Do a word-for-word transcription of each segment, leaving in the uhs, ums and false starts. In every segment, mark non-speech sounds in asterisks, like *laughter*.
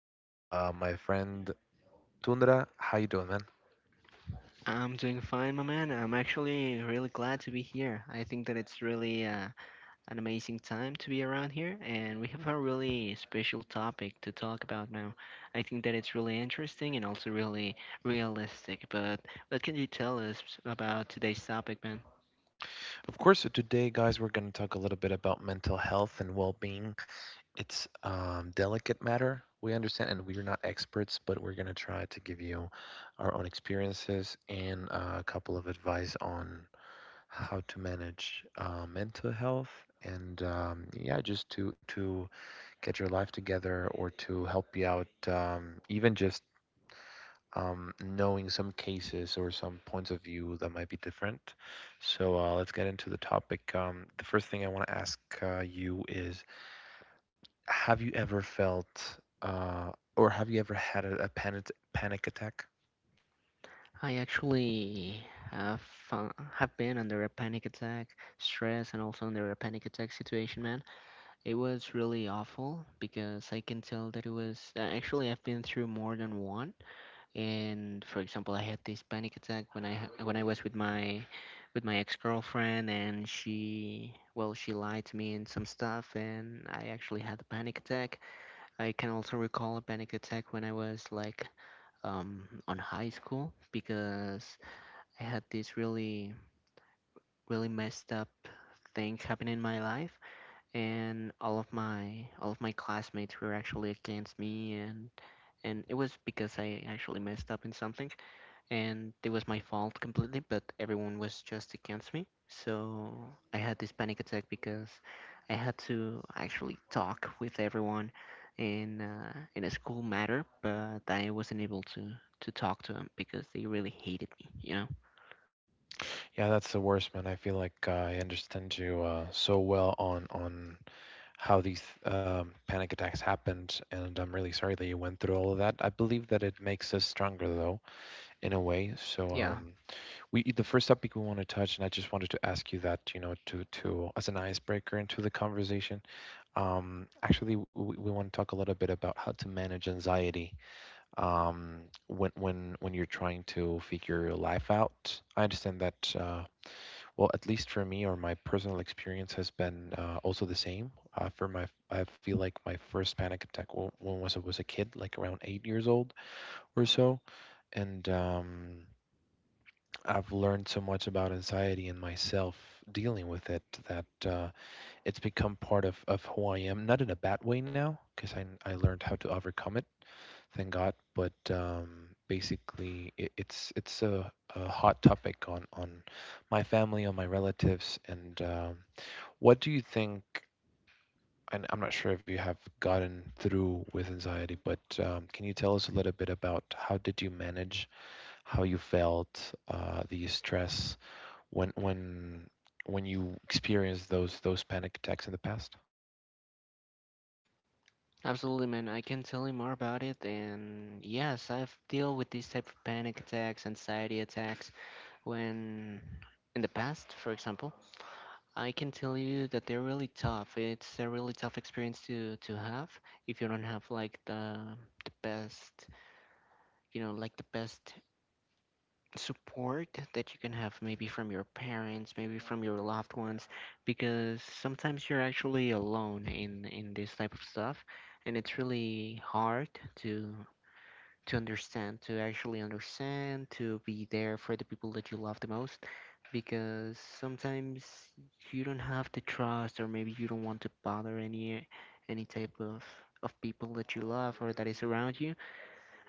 with uh, my friend Tundra. How you doing, man? I'm doing fine, my man. I'm actually really glad to be here. I think that it's really uh, an amazing time to be around here, and we have a really special topic to talk about now. I think that it's really interesting and also really realistic. But what can you tell us about today's topic, man? Of course, so today, guys, we're going to talk a little bit about mental health and well-being. It's um, delicate matter. We understand, and we're not experts, but we're going to try to give you our own experiences and uh, a couple of advice on how to manage uh, mental health and um, yeah, just to to get your life together or to help you out, um, even just um, knowing some cases or some points of view that might be different. So uh, let's get into the topic. Um, the first thing I want to ask uh, you is, have you ever felt uh, or have you ever had a, a panic, panic attack? I actually have uh, have been under a panic attack, stress, and also under a panic attack situation, man. It was really awful because I can tell that it was uh, actually I've been through more than one. And for example, I had this panic attack when i ha- when I was with my with my ex-girlfriend and she, well, she lied to me and some stuff and I actually had a panic attack. I can also recall a panic attack when I was like um on high school because I had this really really messed up thing happen in my life and all of my all of my classmates were actually against me, and and it was because I actually messed up in something, and it was my fault completely, but everyone was just against me. So I had this panic attack because I had to actually talk with everyone in uh, in a school matter, but I wasn't able to to talk to them because they really hated me, you know. Yeah, that's the worst, man. I feel like uh, I understand you uh, so well on on how these um, panic attacks happened, and I'm really sorry that you went through all of that. I believe that it makes us stronger, though, in a way. So Yeah, um, we the first topic we want to touch, and I just wanted to ask you that, you know, to to as an icebreaker into the conversation. Um, actually, we, we want to talk a little bit about how to manage anxiety um, when when when you're trying to figure your life out. I understand that. Uh, well, at least for me, or my personal experience has been uh, also the same. Uh, for my, I feel like my first panic attack wa- when was I was a kid, like around eight years old or so, and um, I've learned so much about anxiety and myself dealing with it that uh, it's become part of, of who I am. Not in a bad way now, because I, I learned how to overcome it, thank God. But um, basically, it, it's it's a, a hot topic on, on my family, on my relatives. And um, what do you think? And I'm not sure if you have gotten through with anxiety, but um, can you tell us a little bit about how did you manage how you felt, uh, the stress, when when when you experienced those those panic attacks in the past? absolutely, man. I can tell you more about it, and yes, I've dealt with these type of panic attacks, anxiety attacks when in the past, for example. I can tell you that they're really tough. It's a really tough experience to to have if you don't have like the the best, you know, like the best support that you can have, maybe from your parents, maybe from your loved ones, because sometimes you're actually alone in in this type of stuff, and it's really hard to to understand, to actually understand, to be there for the people that you love the most. Because sometimes you don't have the trust, or maybe you don't want to bother any any type of of people that you love or that is around you.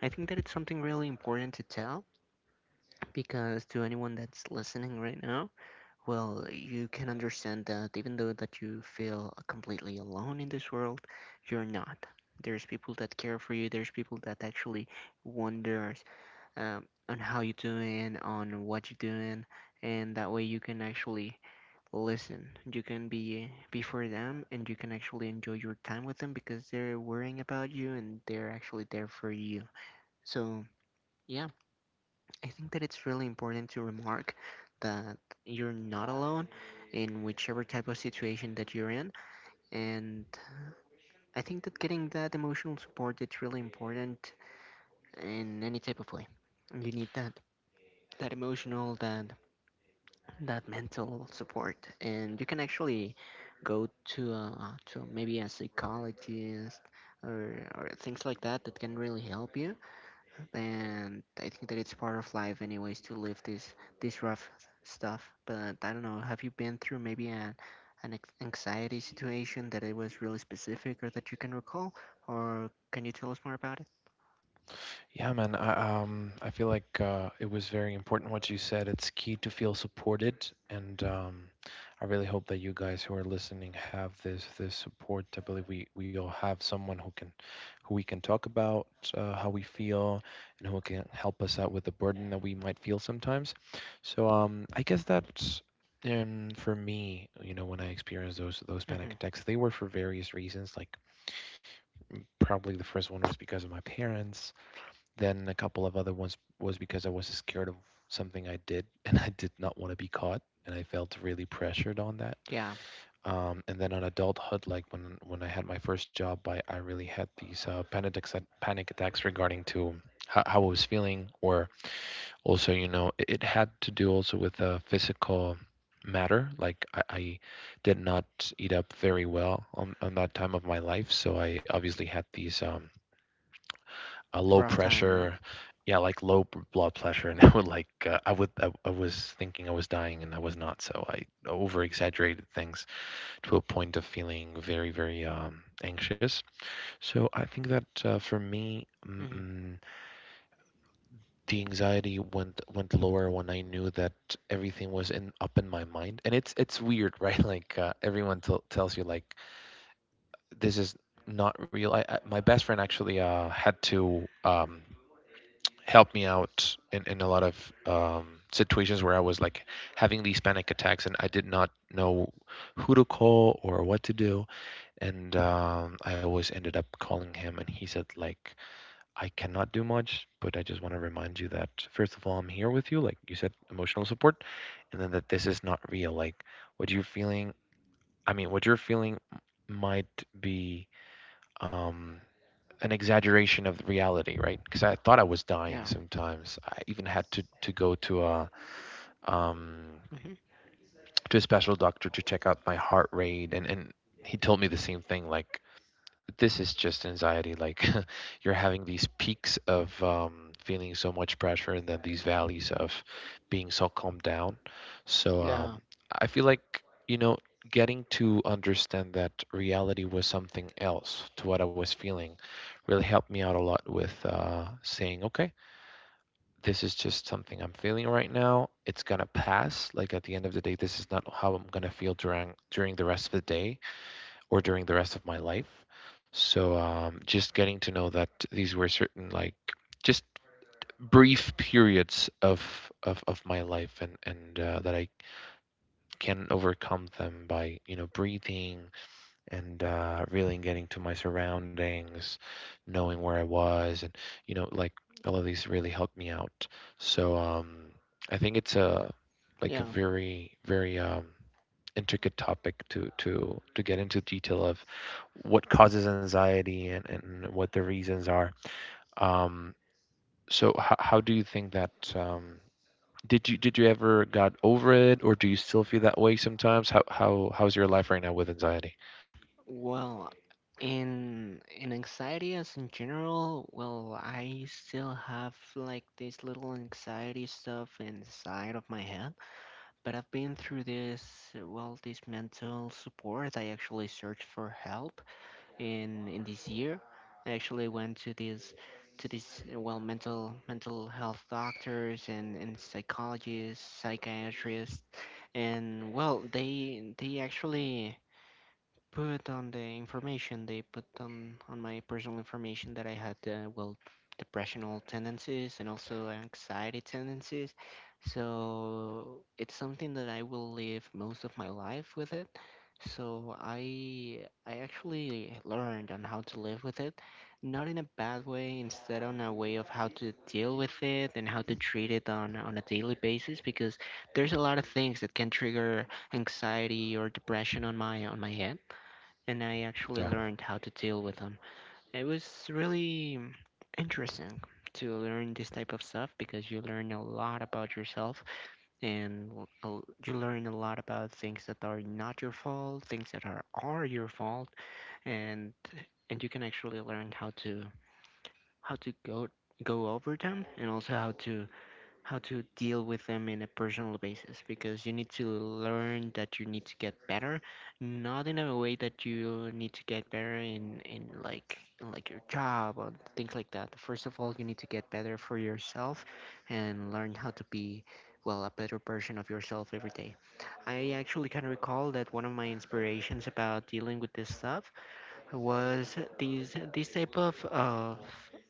I think that it's something really important to tell because to anyone that's listening right now, well, you can understand that even though that you feel completely alone in this world, you're not. There's people that care for you. There's people that actually wonders um, on how you're doing, on what you're doing, and that way you can actually listen. You can be be for them, and you can actually enjoy your time with them because they're worrying about you and they're actually there for you. So yeah, I think that it's really important to remark that you're not alone in whichever type of situation that you're in, and I think that getting that emotional support, it's really important in any type of way. You need that that emotional that that mental support, and you can actually go to uh, to maybe a psychologist or, or things like that that can really help you. And I think that it's part of life anyways to live this this rough stuff. But I don't know, have you been through maybe an an ex- anxiety situation that it was really specific or that you can recall, or can you tell us more about it? Yeah, man. I, um, I feel like uh, it was very important what you said. It's key to feel supported, and um, I really hope that you guys who are listening have this this support. I believe we we all have someone who can, who we can talk about uh, how we feel, and who can help us out with the burden that we might feel sometimes. So um, I guess that. Um, for me, you know, when I experienced those those panic Hmm. attacks, they were for various reasons. Like probably the first one was because of my parents. Then a couple of other ones was because I was scared of something I did *laughs* and I did not want to be caught and I felt really pressured on that. Yeah. Um, and then on adulthood, like when when I had my first job, I, I really had these uh, panic attacks, panic attacks regarding to how, how I was feeling, or also you know it, it had to do also with a physical matter. Like I, I did not eat up very well on, on that time of my life, so I obviously had these um, uh, low Rough time, no. pressure, yeah, like low b- blood pressure, and *laughs* I would like uh, I would I, I was thinking I was dying and I was not, so I over exaggerated things to a point of feeling very very um, anxious. So I think that uh, for me, mm, Hmm. mm, the anxiety went went lower when I knew that everything was in up in my mind, and it's it's weird, *laughs* right? Like uh, everyone t- tells you like this is not real. I, I, my best friend actually uh, had to um, helped me out in, in a lot of um, situations where I was like having these panic attacks and I did not know who to call or what to do. And um, I always ended up calling him, and he said, like, I cannot do much, but I just want to remind you that first of all, I'm here with you, like you said, emotional support, and then that this is not real. Like, what you're feeling, I mean, what you're feeling might be um, an exaggeration of reality, right? Because I thought I was dying Yeah. sometimes. I even had to to go to a um, Hmm. to a special doctor to check out my heart rate, and and he told me the same thing, like this is just anxiety. Like *laughs* you're having these peaks of um, feeling so much pressure, and then these valleys of being so calmed down. So Yeah. um, I feel like you know getting to understand that reality was something else to what I was feeling really helped me out a lot with uh, saying, okay, this is just something I'm feeling right now. It's gonna pass. Like at the end of the day, this is not how I'm gonna feel during during the rest of the day or during the rest of my life. So um, just getting to know that these were certain like just brief periods of of, of my life and and uh, that I can overcome them by you know breathing and uh, really getting to my surroundings, knowing where I was, and you know, like all of these really helped me out. So um, I think it's a like a Yeah. very very um, intricate topic to to to get into detail of what causes anxiety and and what the reasons are. Um, so how how do you think that? Um, did you did you ever got over it, or do you still feel that way sometimes? How how how's your life right now with anxiety? Well, in in anxiety as in general, well, I still have like this little anxiety stuff inside of my head, but I've been through this, uh, well, this mental support. I actually searched for help in in this year. I actually went to this to these uh, well, mental mental health doctors and and psychologists, psychiatrists, and well, they they actually put on the information, they put on on my personal information that I had uh, well, depressional tendencies and also anxiety tendencies, so it's something that I will live most of my life with it. So I I actually learned on how to live with it, not in a bad way, instead on a way of how to deal with it and how to treat it on on a daily basis, because there's a lot of things that can trigger anxiety or depression on my on my head, and I actually Yeah. learned how to deal with them. It was really interesting to learn this type of stuff because you learn a lot about yourself, and uh, you learn a lot about things that are not your fault, things that are are your fault, and and you can actually learn how to how to go go over them, and also how to how to deal with them in a personal basis, because you need to learn that you need to get better, not in a way that you need to get better in in like in like your job or things like that. First of all, you need to get better for yourself and learn how to be, well, a better version of yourself every day. I actually can recall that one of my inspirations about dealing with this stuff was these these type of of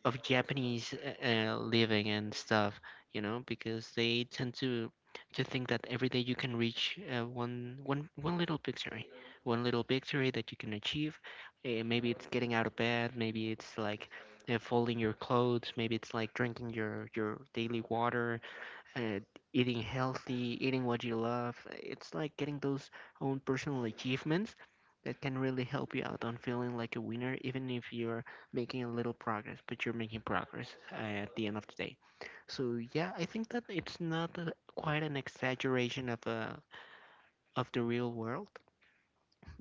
of Japanese, uh, uh, living and stuff, you know, because they tend to to think that every day you can reach uh, one one one little victory, one little victory that you can achieve. Uh, maybe it's getting out of bed, maybe it's like uh, folding your clothes, maybe it's like drinking your your daily water, uh, eating healthy, eating what you love. It's like getting those own personal achievements that can really help you out on feeling like a winner, even if you're making a little progress, but you're making progress uh, at the end of the day. So yeah, I think that it's not uh quite an exaggeration of uh, of the real world,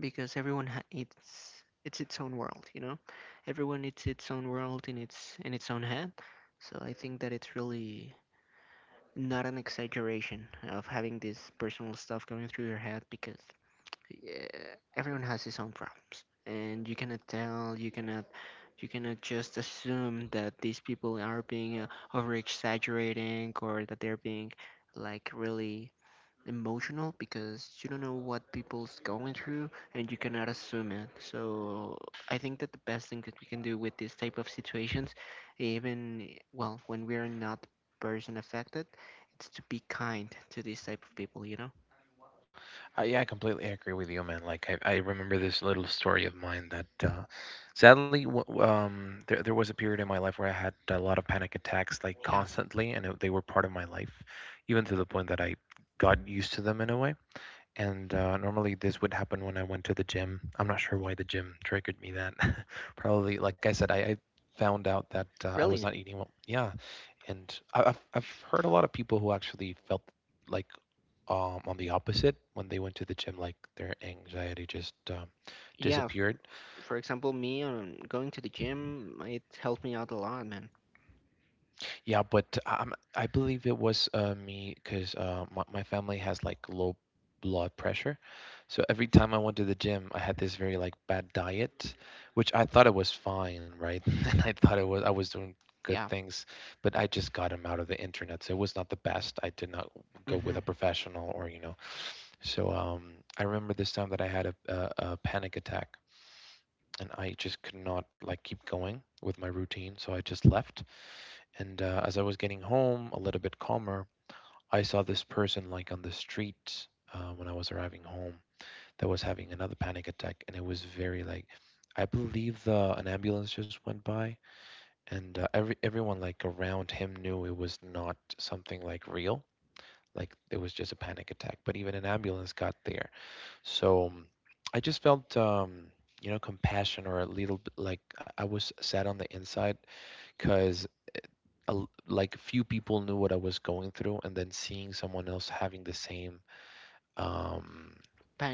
because everyone ha- it's it's its own world, you know. Everyone, it's its own world in its in its own head. So I think that it's really not an exaggeration of having this personal stuff going through your head, because yeah, everyone has his own problems, and you cannot tell, you cannot you cannot just assume that these people are being uh, over exaggerating, or that they're being like really emotional, because you don't know what people's going through and you cannot assume it. So I think that the best thing that we can do with these type of situations, even, well, when we are not person affected, it's to be kind to these type of people, you know? Uh, yeah, I completely agree with you, man. Like I, I remember this little story of mine that, uh, sadly, w- um, there there was a period in my life where I had a lot of panic attacks, like Yeah. constantly, and it, they were part of my life, even to the point that I got used to them in a way. And uh, normally this would happen when I went to the gym. I'm not sure why the gym triggered me that. *laughs* Probably, like I said, I, I found out that uh, I was Really? not eating well. Yeah, and I, I've I've heard a lot of people who actually felt like um, on the opposite when they went to the gym like their anxiety just um, Yeah, f- disappeared. for example, me, um, going to the gym, it helped me out a lot, man. Yeah, but um, I believe it was uh, me because uh, my, my family has like low blood pressure. So every time I went to the gym, I had this very like bad diet, which I thought it was fine, right? *laughs* And I thought it was I was doing good Yeah. things, but I just got them out of the internet, so it was not the best. I did not go with Hmm. a professional, or you know. So um, I remember this time that I had a, a, a panic attack and I just could not like keep going with my routine. So I just left. And uh, as I was getting home, a little bit calmer, I saw this person like on the street uh, when I was arriving home, that was having another panic attack, and it was very like, I believe the, an ambulance just went by, and uh, every everyone like around him knew it was not something like real, like it was just a panic attack. But even an ambulance got there, so um, I just felt, um, you know, compassion, or a little bit like I I was sad on the inside because like few people knew what I was going through, and then seeing someone else having the same, um,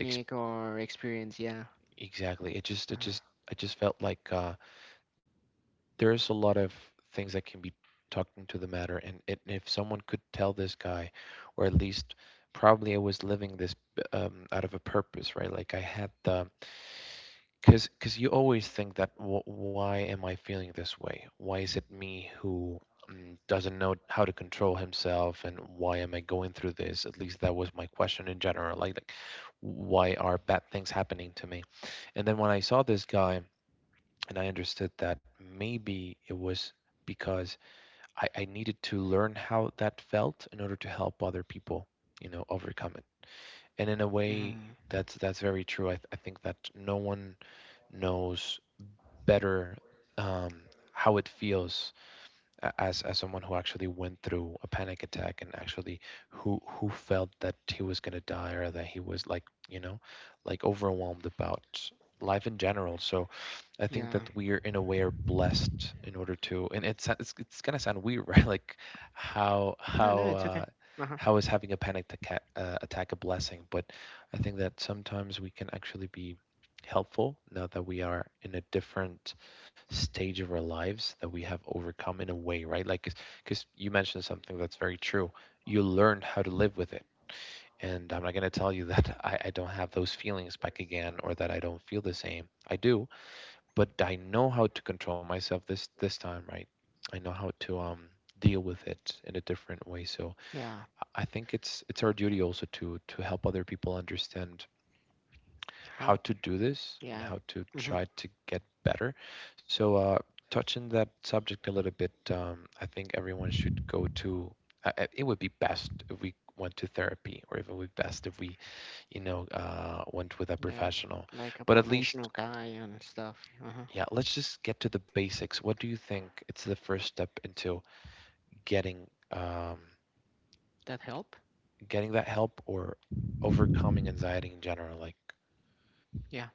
ex or experience, yeah. exactly. It just, it Uh-huh. just, I just felt like uh, there's a lot of things that can be talked into the matter, and it, if someone could tell this guy, or at least probably I was living this um, out of a purpose, right? Like I had the, because because you always think that, "Wh- why am I feeling this way? Why is it me who mm, doesn't know how to control himself, and why am I going through this?" At least that was my question in general. Like, like why are bad things happening to me? And then when I saw this guy, and I understood that maybe it was because I, I needed to learn how that felt in order to help other people, you know, overcome it. And in a way, Hmm. that's that's very true. I, th- I think that no one knows better um, how it feels a- as as someone who actually went through a panic attack and actually who who felt that he was gonna die or that he was like you know like overwhelmed about life in general. So I think Yeah. that we are in a way are blessed in order to and it's it's, it's gonna sound weird *laughs* right like how No, how no, it's uh, okay. Uh-huh. how is having a panic attack uh, attack a blessing? But I think that sometimes we can actually be helpful now that we are in a different stage of our lives that we have overcome in a way, right? Like, because you mentioned something that's very true. You learned how to live with it. And I'm not going to tell you *laughs* that I, I don't have those feelings back again or that I don't feel the same. I do, but I know how to control myself this this time, right? I know how to um deal with it in a different way. So Yeah. I think it's it's our duty also to to help other people understand How. how to do this and Yeah. how to Hmm. try to get better. So, uh, touching that subject a little bit, um, I think everyone should go to. Uh, uh, it would be best if we went to therapy, or if it would be best if we, you know, uh, went with a Yeah. professional. Like a But at professional least, guy and stuff. Uh-huh. yeah, let's just get to the basics. What do you think? It's the first step into getting um, That help? getting that help or overcoming anxiety in general. Like, Yeah.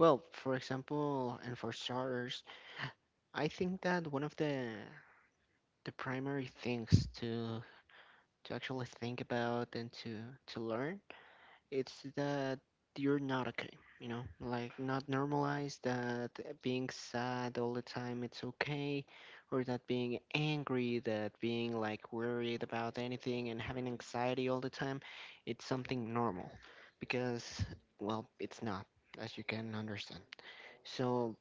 Well, for example, and for starters, I think that one of the the primary things to to actually think about and to to learn, it's that you're not okay. You know, like, not normalize that being sad all the time, it's okay, or that being angry, that being like worried about anything and having anxiety all the time, it's something normal, because, well, it's not, as you can understand. So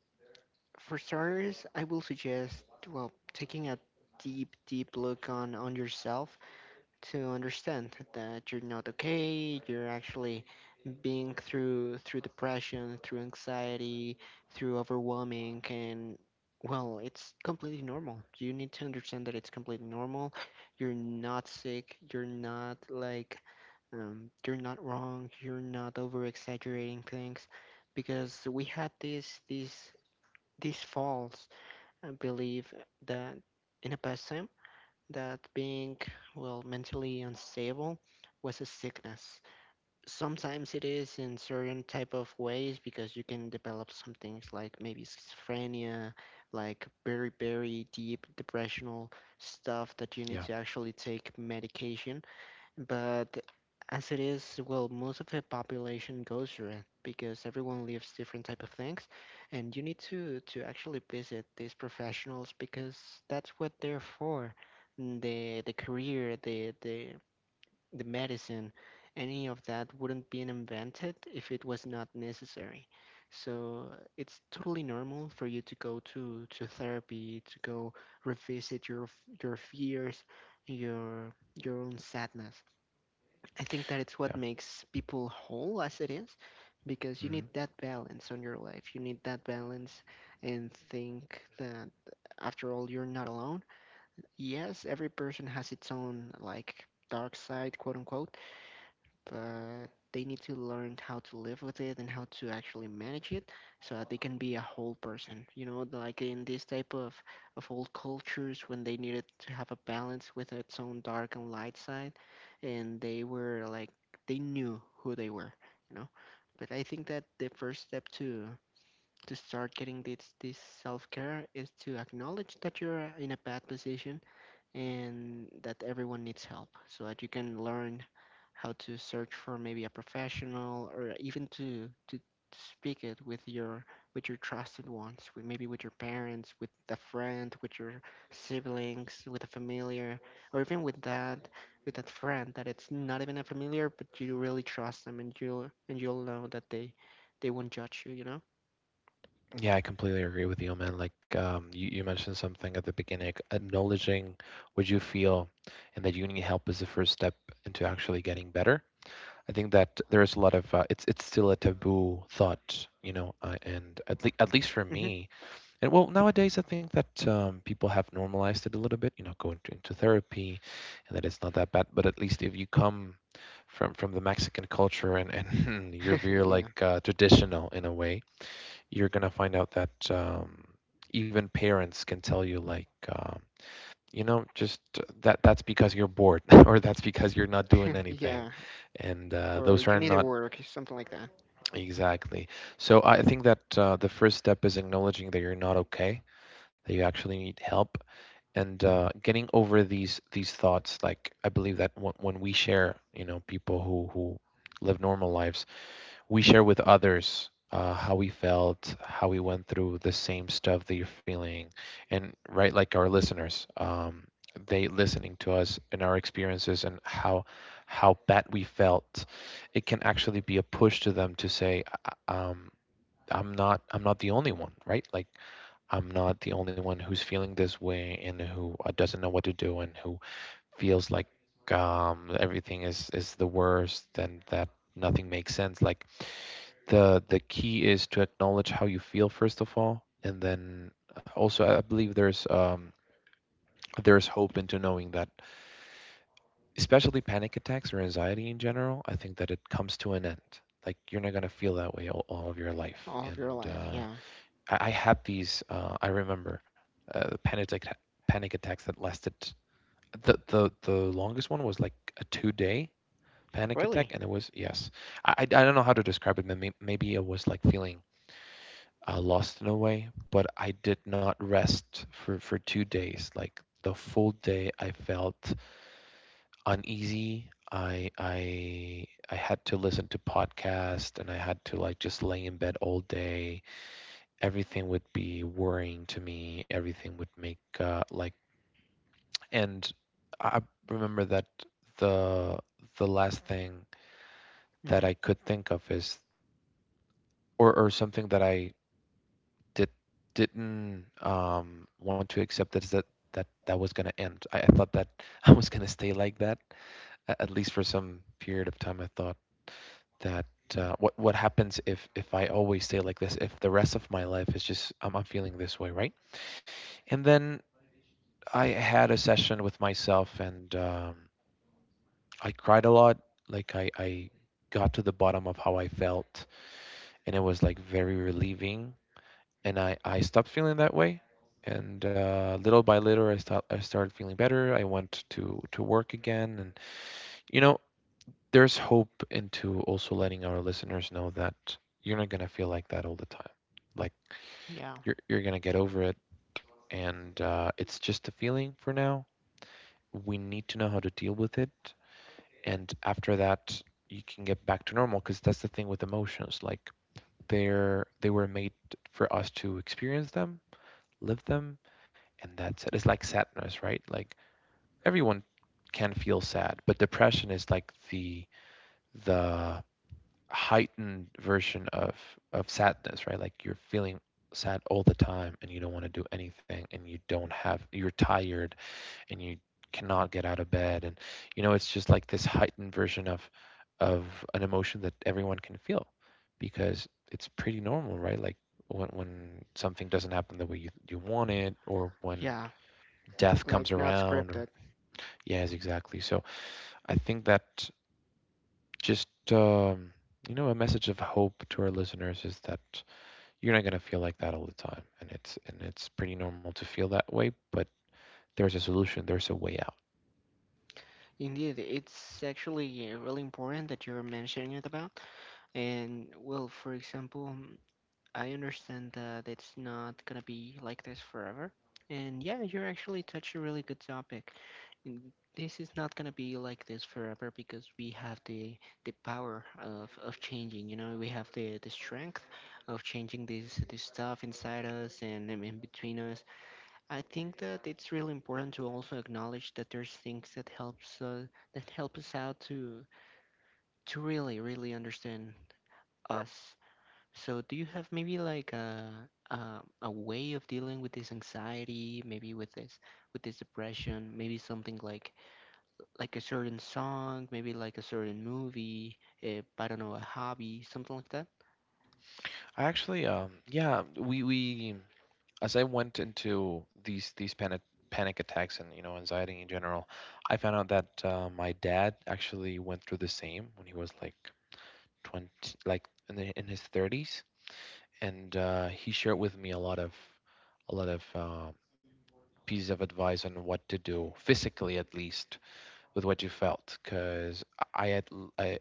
for starters, I will suggest, well, taking a deep deep look on on yourself to understand that you're not okay, you're actually being through through depression, through anxiety, through overwhelming, and, well, it's completely normal. You need to understand that it's completely normal. You're not sick. You're not like um, you're not wrong. You're not over exaggerating things, because we had this this this false uh, belief that in the past time, that being, well, mentally unstable was a sickness. Sometimes it is, in certain type of ways, because you can develop some things, like maybe schizophrenia, like very very deep depressional stuff that you need yeah, to actually take medication. But as it is, well, most of the population goes through it, because everyone lives different type of things, and you need to to actually visit these professionals because that's what they're for. Mm, the the career, the the the medicine, any of that wouldn't been invented if it was not necessary. So it's totally normal for you to go to to therapy, to go revisit your your fears, your your own sadness. I think that it's what yeah. makes people whole as it is, because you need Mm-hmm. that balance on your life. You need that balance, and think that after all, you're not alone. Yes, every person has its own, like, dark side, quote unquote, but they need to learn how to live with it and how to actually manage it so that they can be a whole person, you know, like in this type of of old cultures when they needed to have a balance with its own dark and light side, and they were like they knew who they were, you know. But I think that the first step to to start getting this this self-care is to acknowledge that you're in a bad position and that everyone needs help, so that you can learn how to search for maybe a professional, or even to to speak it with your with your trusted ones, with maybe with your parents, with a friend, with your siblings, with a familiar, or even with that with that friend that it's not even a familiar but you really trust them, and you'll and you'll know that they they won't judge you, you know. Yeah, I completely agree with you, man. Like um, you, you mentioned something at the beginning, like, acknowledging what you feel and that you need help is the first step into actually getting better. I think that there is a lot of uh, it's it's still a taboo thought, you know, uh, and at least at least for Hmm. me, and well nowadays I think that um, people have normalized it a little bit, you know, going to, into therapy, and that it's not that bad. But at least if you come from from the Mexican culture and and *laughs* you're *laughs* very Yeah. like uh, traditional in a way you're gonna find out that um, even parents can tell you like um, you know just uh, that that's because you're bored *laughs* or that's because you're not doing *laughs* anything Yeah. and uh, Or those you are need to not work something like that. exactly so I think that uh, the first step is acknowledging that you're not okay, that you actually need help, and uh, getting over these these thoughts. Like I believe that when when we share, you know, people who who live normal lives, we share with others uh, how we felt, how we went through the same stuff that you're feeling, and right, like our listeners, um, they listening to us and our experiences and how how bad we felt, it can actually be a push to them to say, "I- um, I'm not I'm not the only one, right? Like I'm not the only one who's feeling this way and who uh, doesn't know what to do and who feels like um, everything is is the worst and that nothing makes sense. Like the the key is to acknowledge how you feel first of all and then uh, also I believe there's um there's hope into knowing that especially panic attacks or anxiety in general I think that it comes to an end. Like you're not going to feel that way all, all of your life All of your and life, uh, yeah. I, I had these uh, I remember uh, panic atta- panic attacks that lasted the, the the longest one was like a two day panic attack Really? and it was yes i i I don't know how to describe it, but may- maybe it was like feeling uh, lost in a way, but I did not rest for, for two days. Like the full day, I felt uneasy. I I I had to listen to podcast and I had to like just lay in bed all day. Everything would be worrying to me. Everything would make uh, like and I remember that the the last thing that Hmm. I could think of is or or something that I did didn't um, want to accept that that that that was going to end. I, I thought that *laughs* I was going to stay like that a- at least for some period of time. I thought that uh, what what happens if if I always stay like this? If the rest of my life is just I'm, I'm feeling this way, right? And then I had a session with myself, and um, I cried a lot. Like I I got to the bottom of how I felt, and it was like very relieving and I, I stopped feeling that way. And uh, little by little, I, start I started feeling better. I went to to work again, and you know, there's hope into also letting our listeners know that you're not gonna feel like that all the time. Like Yeah, you're you're gonna get over it, and uh, it's just a feeling for now. We need to know how to deal with it, and after that, you can get back to normal. Because that's the thing with emotions, like they're they were made for us to experience them, live them, and that's it. It's like sadness, right? Like everyone can feel sad, but depression is like the the heightened version of of sadness, right? Like you're feeling sad all the time and you don't want to do anything and you don't have you're tired and you cannot get out of bed and you know it's just like this heightened version of of an emotion that everyone can feel because it's pretty normal, right? Like when when something doesn't happen the way you you want it or when yeah, death comes like not around or scripted. yes exactly so I think that just um, you know a message of hope to our listeners is that you're not going to feel like that all the time, and it's and it's pretty normal to feel that way, but there's a solution, there's a way out. Indeed, it's actually uh, really important that you're mentioning it about. And well, for example, mm, I understand that it's not gonna be like this forever. And yeah, you're actually touching a really good topic. Mm, This is not gonna be like this forever, because we have the the power of, of changing. You know, we have the, the strength of changing this this stuff inside us and in in between us. I think that it's really important to also acknowledge that there's things that helps uh, that help us out to to really really understand us. So do you have maybe like a, a a way of dealing with this anxiety, maybe with this with this depression, maybe something like like a certain song, maybe like a certain movie, uh, I don't know, a hobby, something like that? I actually um yeah we we as I went into these these panic panic attacks and you know anxiety in general I found out that uh, my dad actually went through the same when he was like twenty, like in, the, in his thirties, and uh, he shared with me a lot of a lot of uh, pieces of advice on what to do physically at least with what you felt because I had I I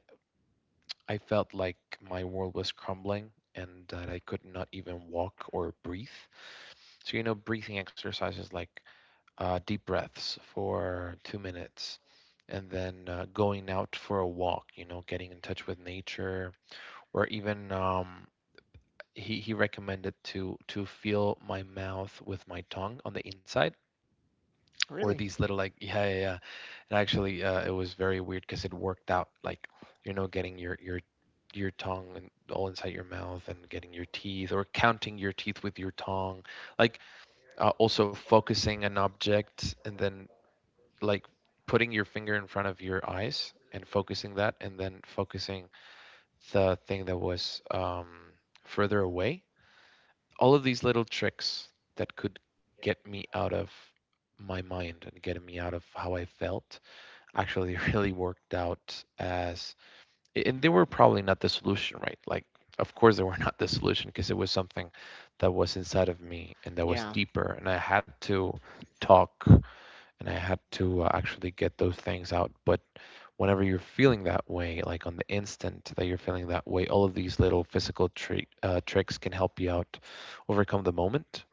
felt like my world was crumbling and that I could not even walk or breathe. So you know breathing exercises like uh, deep breaths for two minutes and then uh, going out for a walk, you know getting in touch with nature or even um, he he recommended to to feel my mouth with my tongue on the inside or Really? these little like yeah, yeah, yeah. And actually uh, it was very weird because it worked out, like you know getting your your your tongue and all inside your mouth and getting your teeth or counting your teeth with your tongue. Like uh, also focusing an object and then like putting your finger in front of your eyes and focusing that and then focusing the thing that was um, further away, all of these little tricks that could get me out of my mind and getting me out of how I felt actually *laughs* really worked out as and they were probably not the solution, right? Like of course they were *laughs* not the solution because it was something that was inside of me and that was Yeah, deeper and I had to talk and I had to uh, actually get those things out. But whenever you're feeling that way, like on the instant that you're feeling that way, all of these little physical tri- uh, tricks can help you out overcome the moment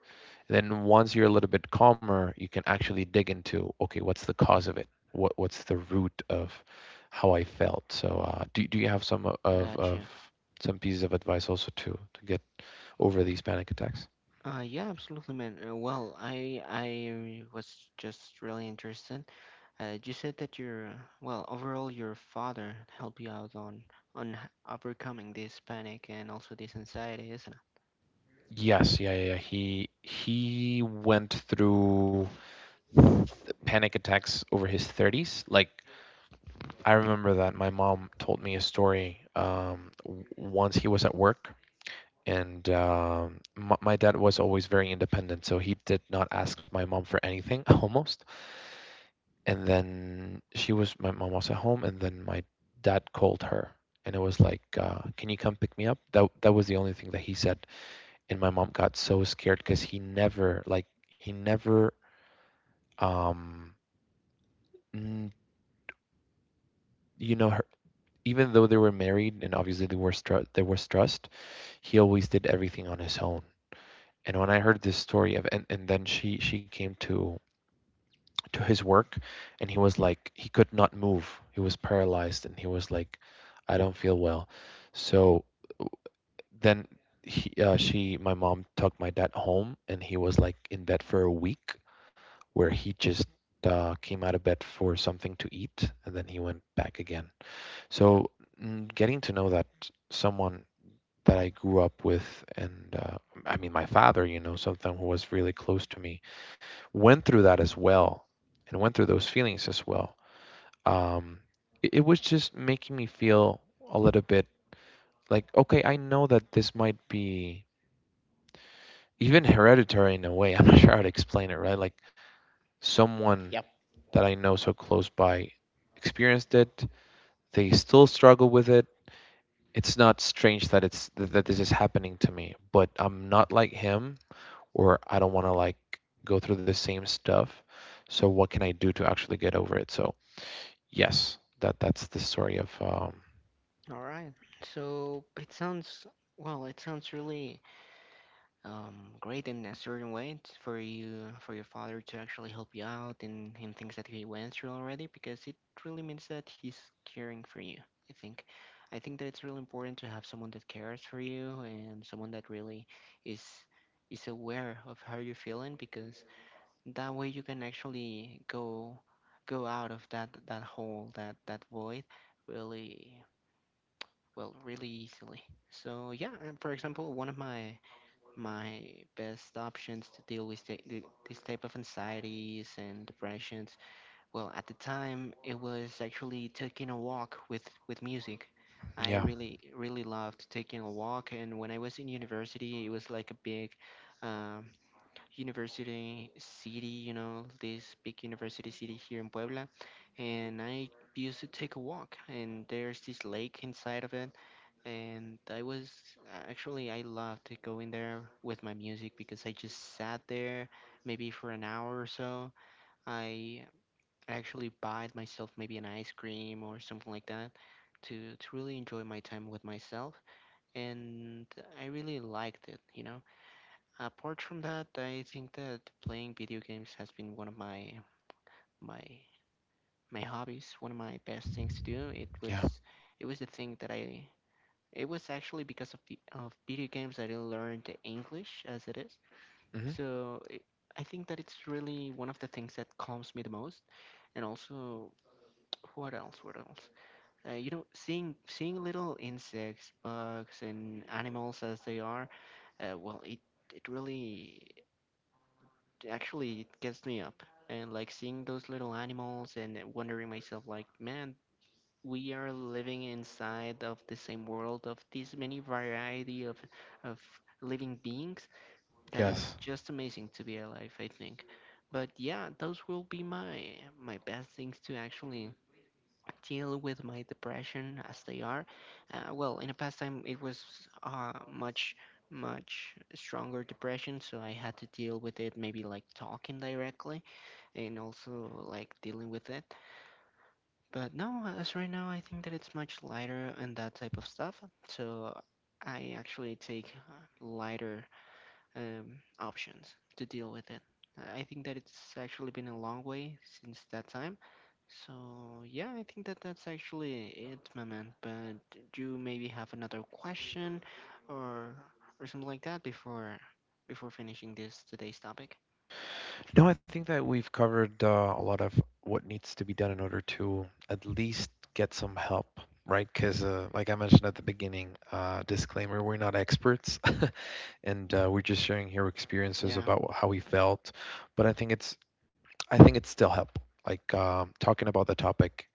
then once you're a little bit calmer, you can actually dig into okay, what's the cause of it? What what's the root of how I felt? So uh, do do you have some of of gotcha. some pieces of advice also to to get over these panic attacks? Uh, yeah, absolutely, man. Uh, well, I I was just really interested. Uh, you said that your uh, well, overall, your father helped you out on on h- overcoming this panic and also this anxiety, isn't it? Yes, yeah, yeah, yeah. He he went through th- panic attacks over his thirties. Like I remember that my mom told me a story um, w- once he was at work. And um, my, my dad was always very independent, so he did not ask my mom for anything *laughs* almost. And then she was, my mom was at home, and then my dad called her, and it was like, uh, "Can you come pick me up?" That that was the only thing that he said. And my mom got so scared because he never, like, he never, um, you know, her, even though they were married and obviously they were str- there was trust, he always did everything on his own. And when I heard this story of, and, and then she she came to to his work and he was like he could not move, he was paralyzed, and he was like I don't feel well. So then he, uh, she my mom took my dad home and he was like in bed for a week where he just uh, came out of bed for something to eat and then he went back again. So mm, getting to know that someone that I grew up with and uh, I mean my father, you know, someone who was really close to me, went through that as well and went through those feelings as well, um, it, it was just making me feel a little bit like, okay, I know that this might be even hereditary in a way. *laughs* I'm not sure how to explain it, right? Like someone Yep. that I know so close by experienced it. They still struggle with it. It's not strange that it's th- that this is happening to me, but I'm not like him, or I don't want to like go through the same stuff. So what can I do to actually get over it? So yes, that that's the story of um, All right. So it sounds well. It sounds really um, great in a certain way t- for you, for your father to actually help you out in, in things that he went through already, because it really means that he's caring for you. I think i think that it's really important to have someone that cares for you and someone that really is is aware of how you're feeling, because that way you can actually go go out of that that hole, that that void, really well, really easily. So yeah, and for example, one of my my best options to deal with the, the, this type of anxieties and depressions. Well, at the time, it was actually taking a walk with with music. I yeah, really really loved taking a walk, and when I was in university, it was like a big um, university city, you know, this big university city here in Puebla, and I used to take a walk, and there's this lake inside of it, and I was uh, actually I loved to go in there with my music, because I just sat there maybe for an hour or so. I actually bought myself maybe an ice cream or something like that to to really enjoy my time with myself, and I really liked it, you know. Apart from that, I think that playing video games has been one of my my my hobbies, one of my best things to do. It was yeah. it was the thing that I it was actually because of the of video games that I learned English as it is. Mhm. So it, I think that it's really one of the things that calms me the most. And also, what else? What else? Uh, you know, seeing seeing little insects, bugs, and animals as they are, uh, well, it it really actually it gets me up. And like seeing those little animals and wondering myself, like, man, we are living inside of the same world of this many variety of of living beings that it's Yes. just amazing to be alive, I think. But yeah, those will be my my best things to actually deal with my depression as they are. Uh, well, in the past time, it was uh, much, much stronger depression, so I had to deal with it maybe like talking directly and also like dealing with it. But no, as right now, I think that it's much lighter and that type of stuff. So I actually take uh, lighter um, options to deal with it. I think that it's actually been a long way since that time. So yeah, I think that that's actually it, my man. But do you maybe have another question or or something like that before before finishing this today's topic? No, I think that we've covered uh, a lot of what needs to be done in order to at least get some help, right? Because, uh, like I mentioned at the beginning, uh, disclaimer, we're not experts *laughs* and uh, we're just sharing here experiences Yeah, about how we felt. But I think it's, I think it's still help. Like um, talking about the topic,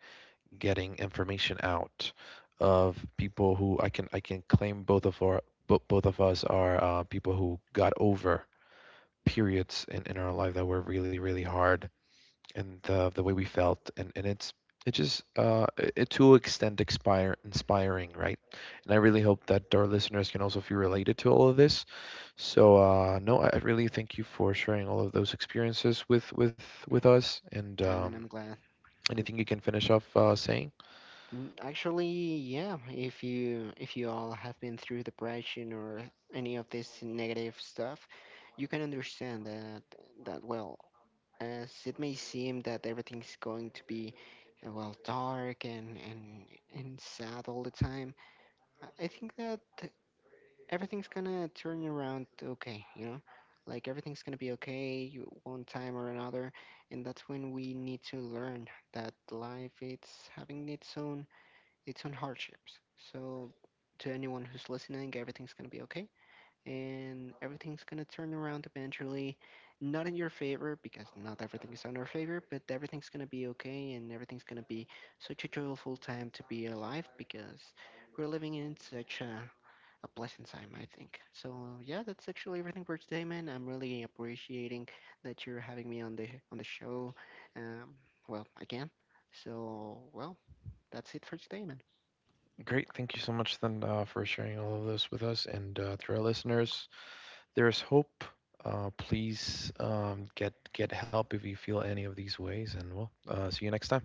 getting information out of people who I can, I can claim both of our, bo- both of us are uh, people who got over periods in, in our life that were really really hard and the the way we felt and and it's it just uh it to extent expire inspiring right and I really hope that our listeners can also feel related to all of this. So uh no I I really thank you for sharing all of those experiences with with with us and I mean, um I'm glad. anything you can finish off uh saying. Mm, Actually, yeah, if you if you all have been through depression or any of this negative stuff, you can understand that that well, as it may seem that everything's going to be uh, well, dark and and and sad all the time. I I think that everything's gonna turn around okay, you know? Like everything's gonna be okay you- one time or another, and that's when we need to learn that life it's having its own its own hardships. So, to anyone who's listening, everything's gonna be okay, and everything's gonna turn around eventually. Not in your favor, because not everything is in our favor, but everything's gonna be okay, and everything's gonna be such a joyful time to be alive, because we're living in such a a pleasant time, I think. So yeah, that's actually everything for today, man. I'm really appreciating that you're having me on the on the show. Um, well, again. So well, that's it for today, man. Great, thank you so much then uh, for sharing all of this with us and uh to our listeners, there's hope. Uh, please um, get get help if you feel any of these ways, and we'll uh, see you next time.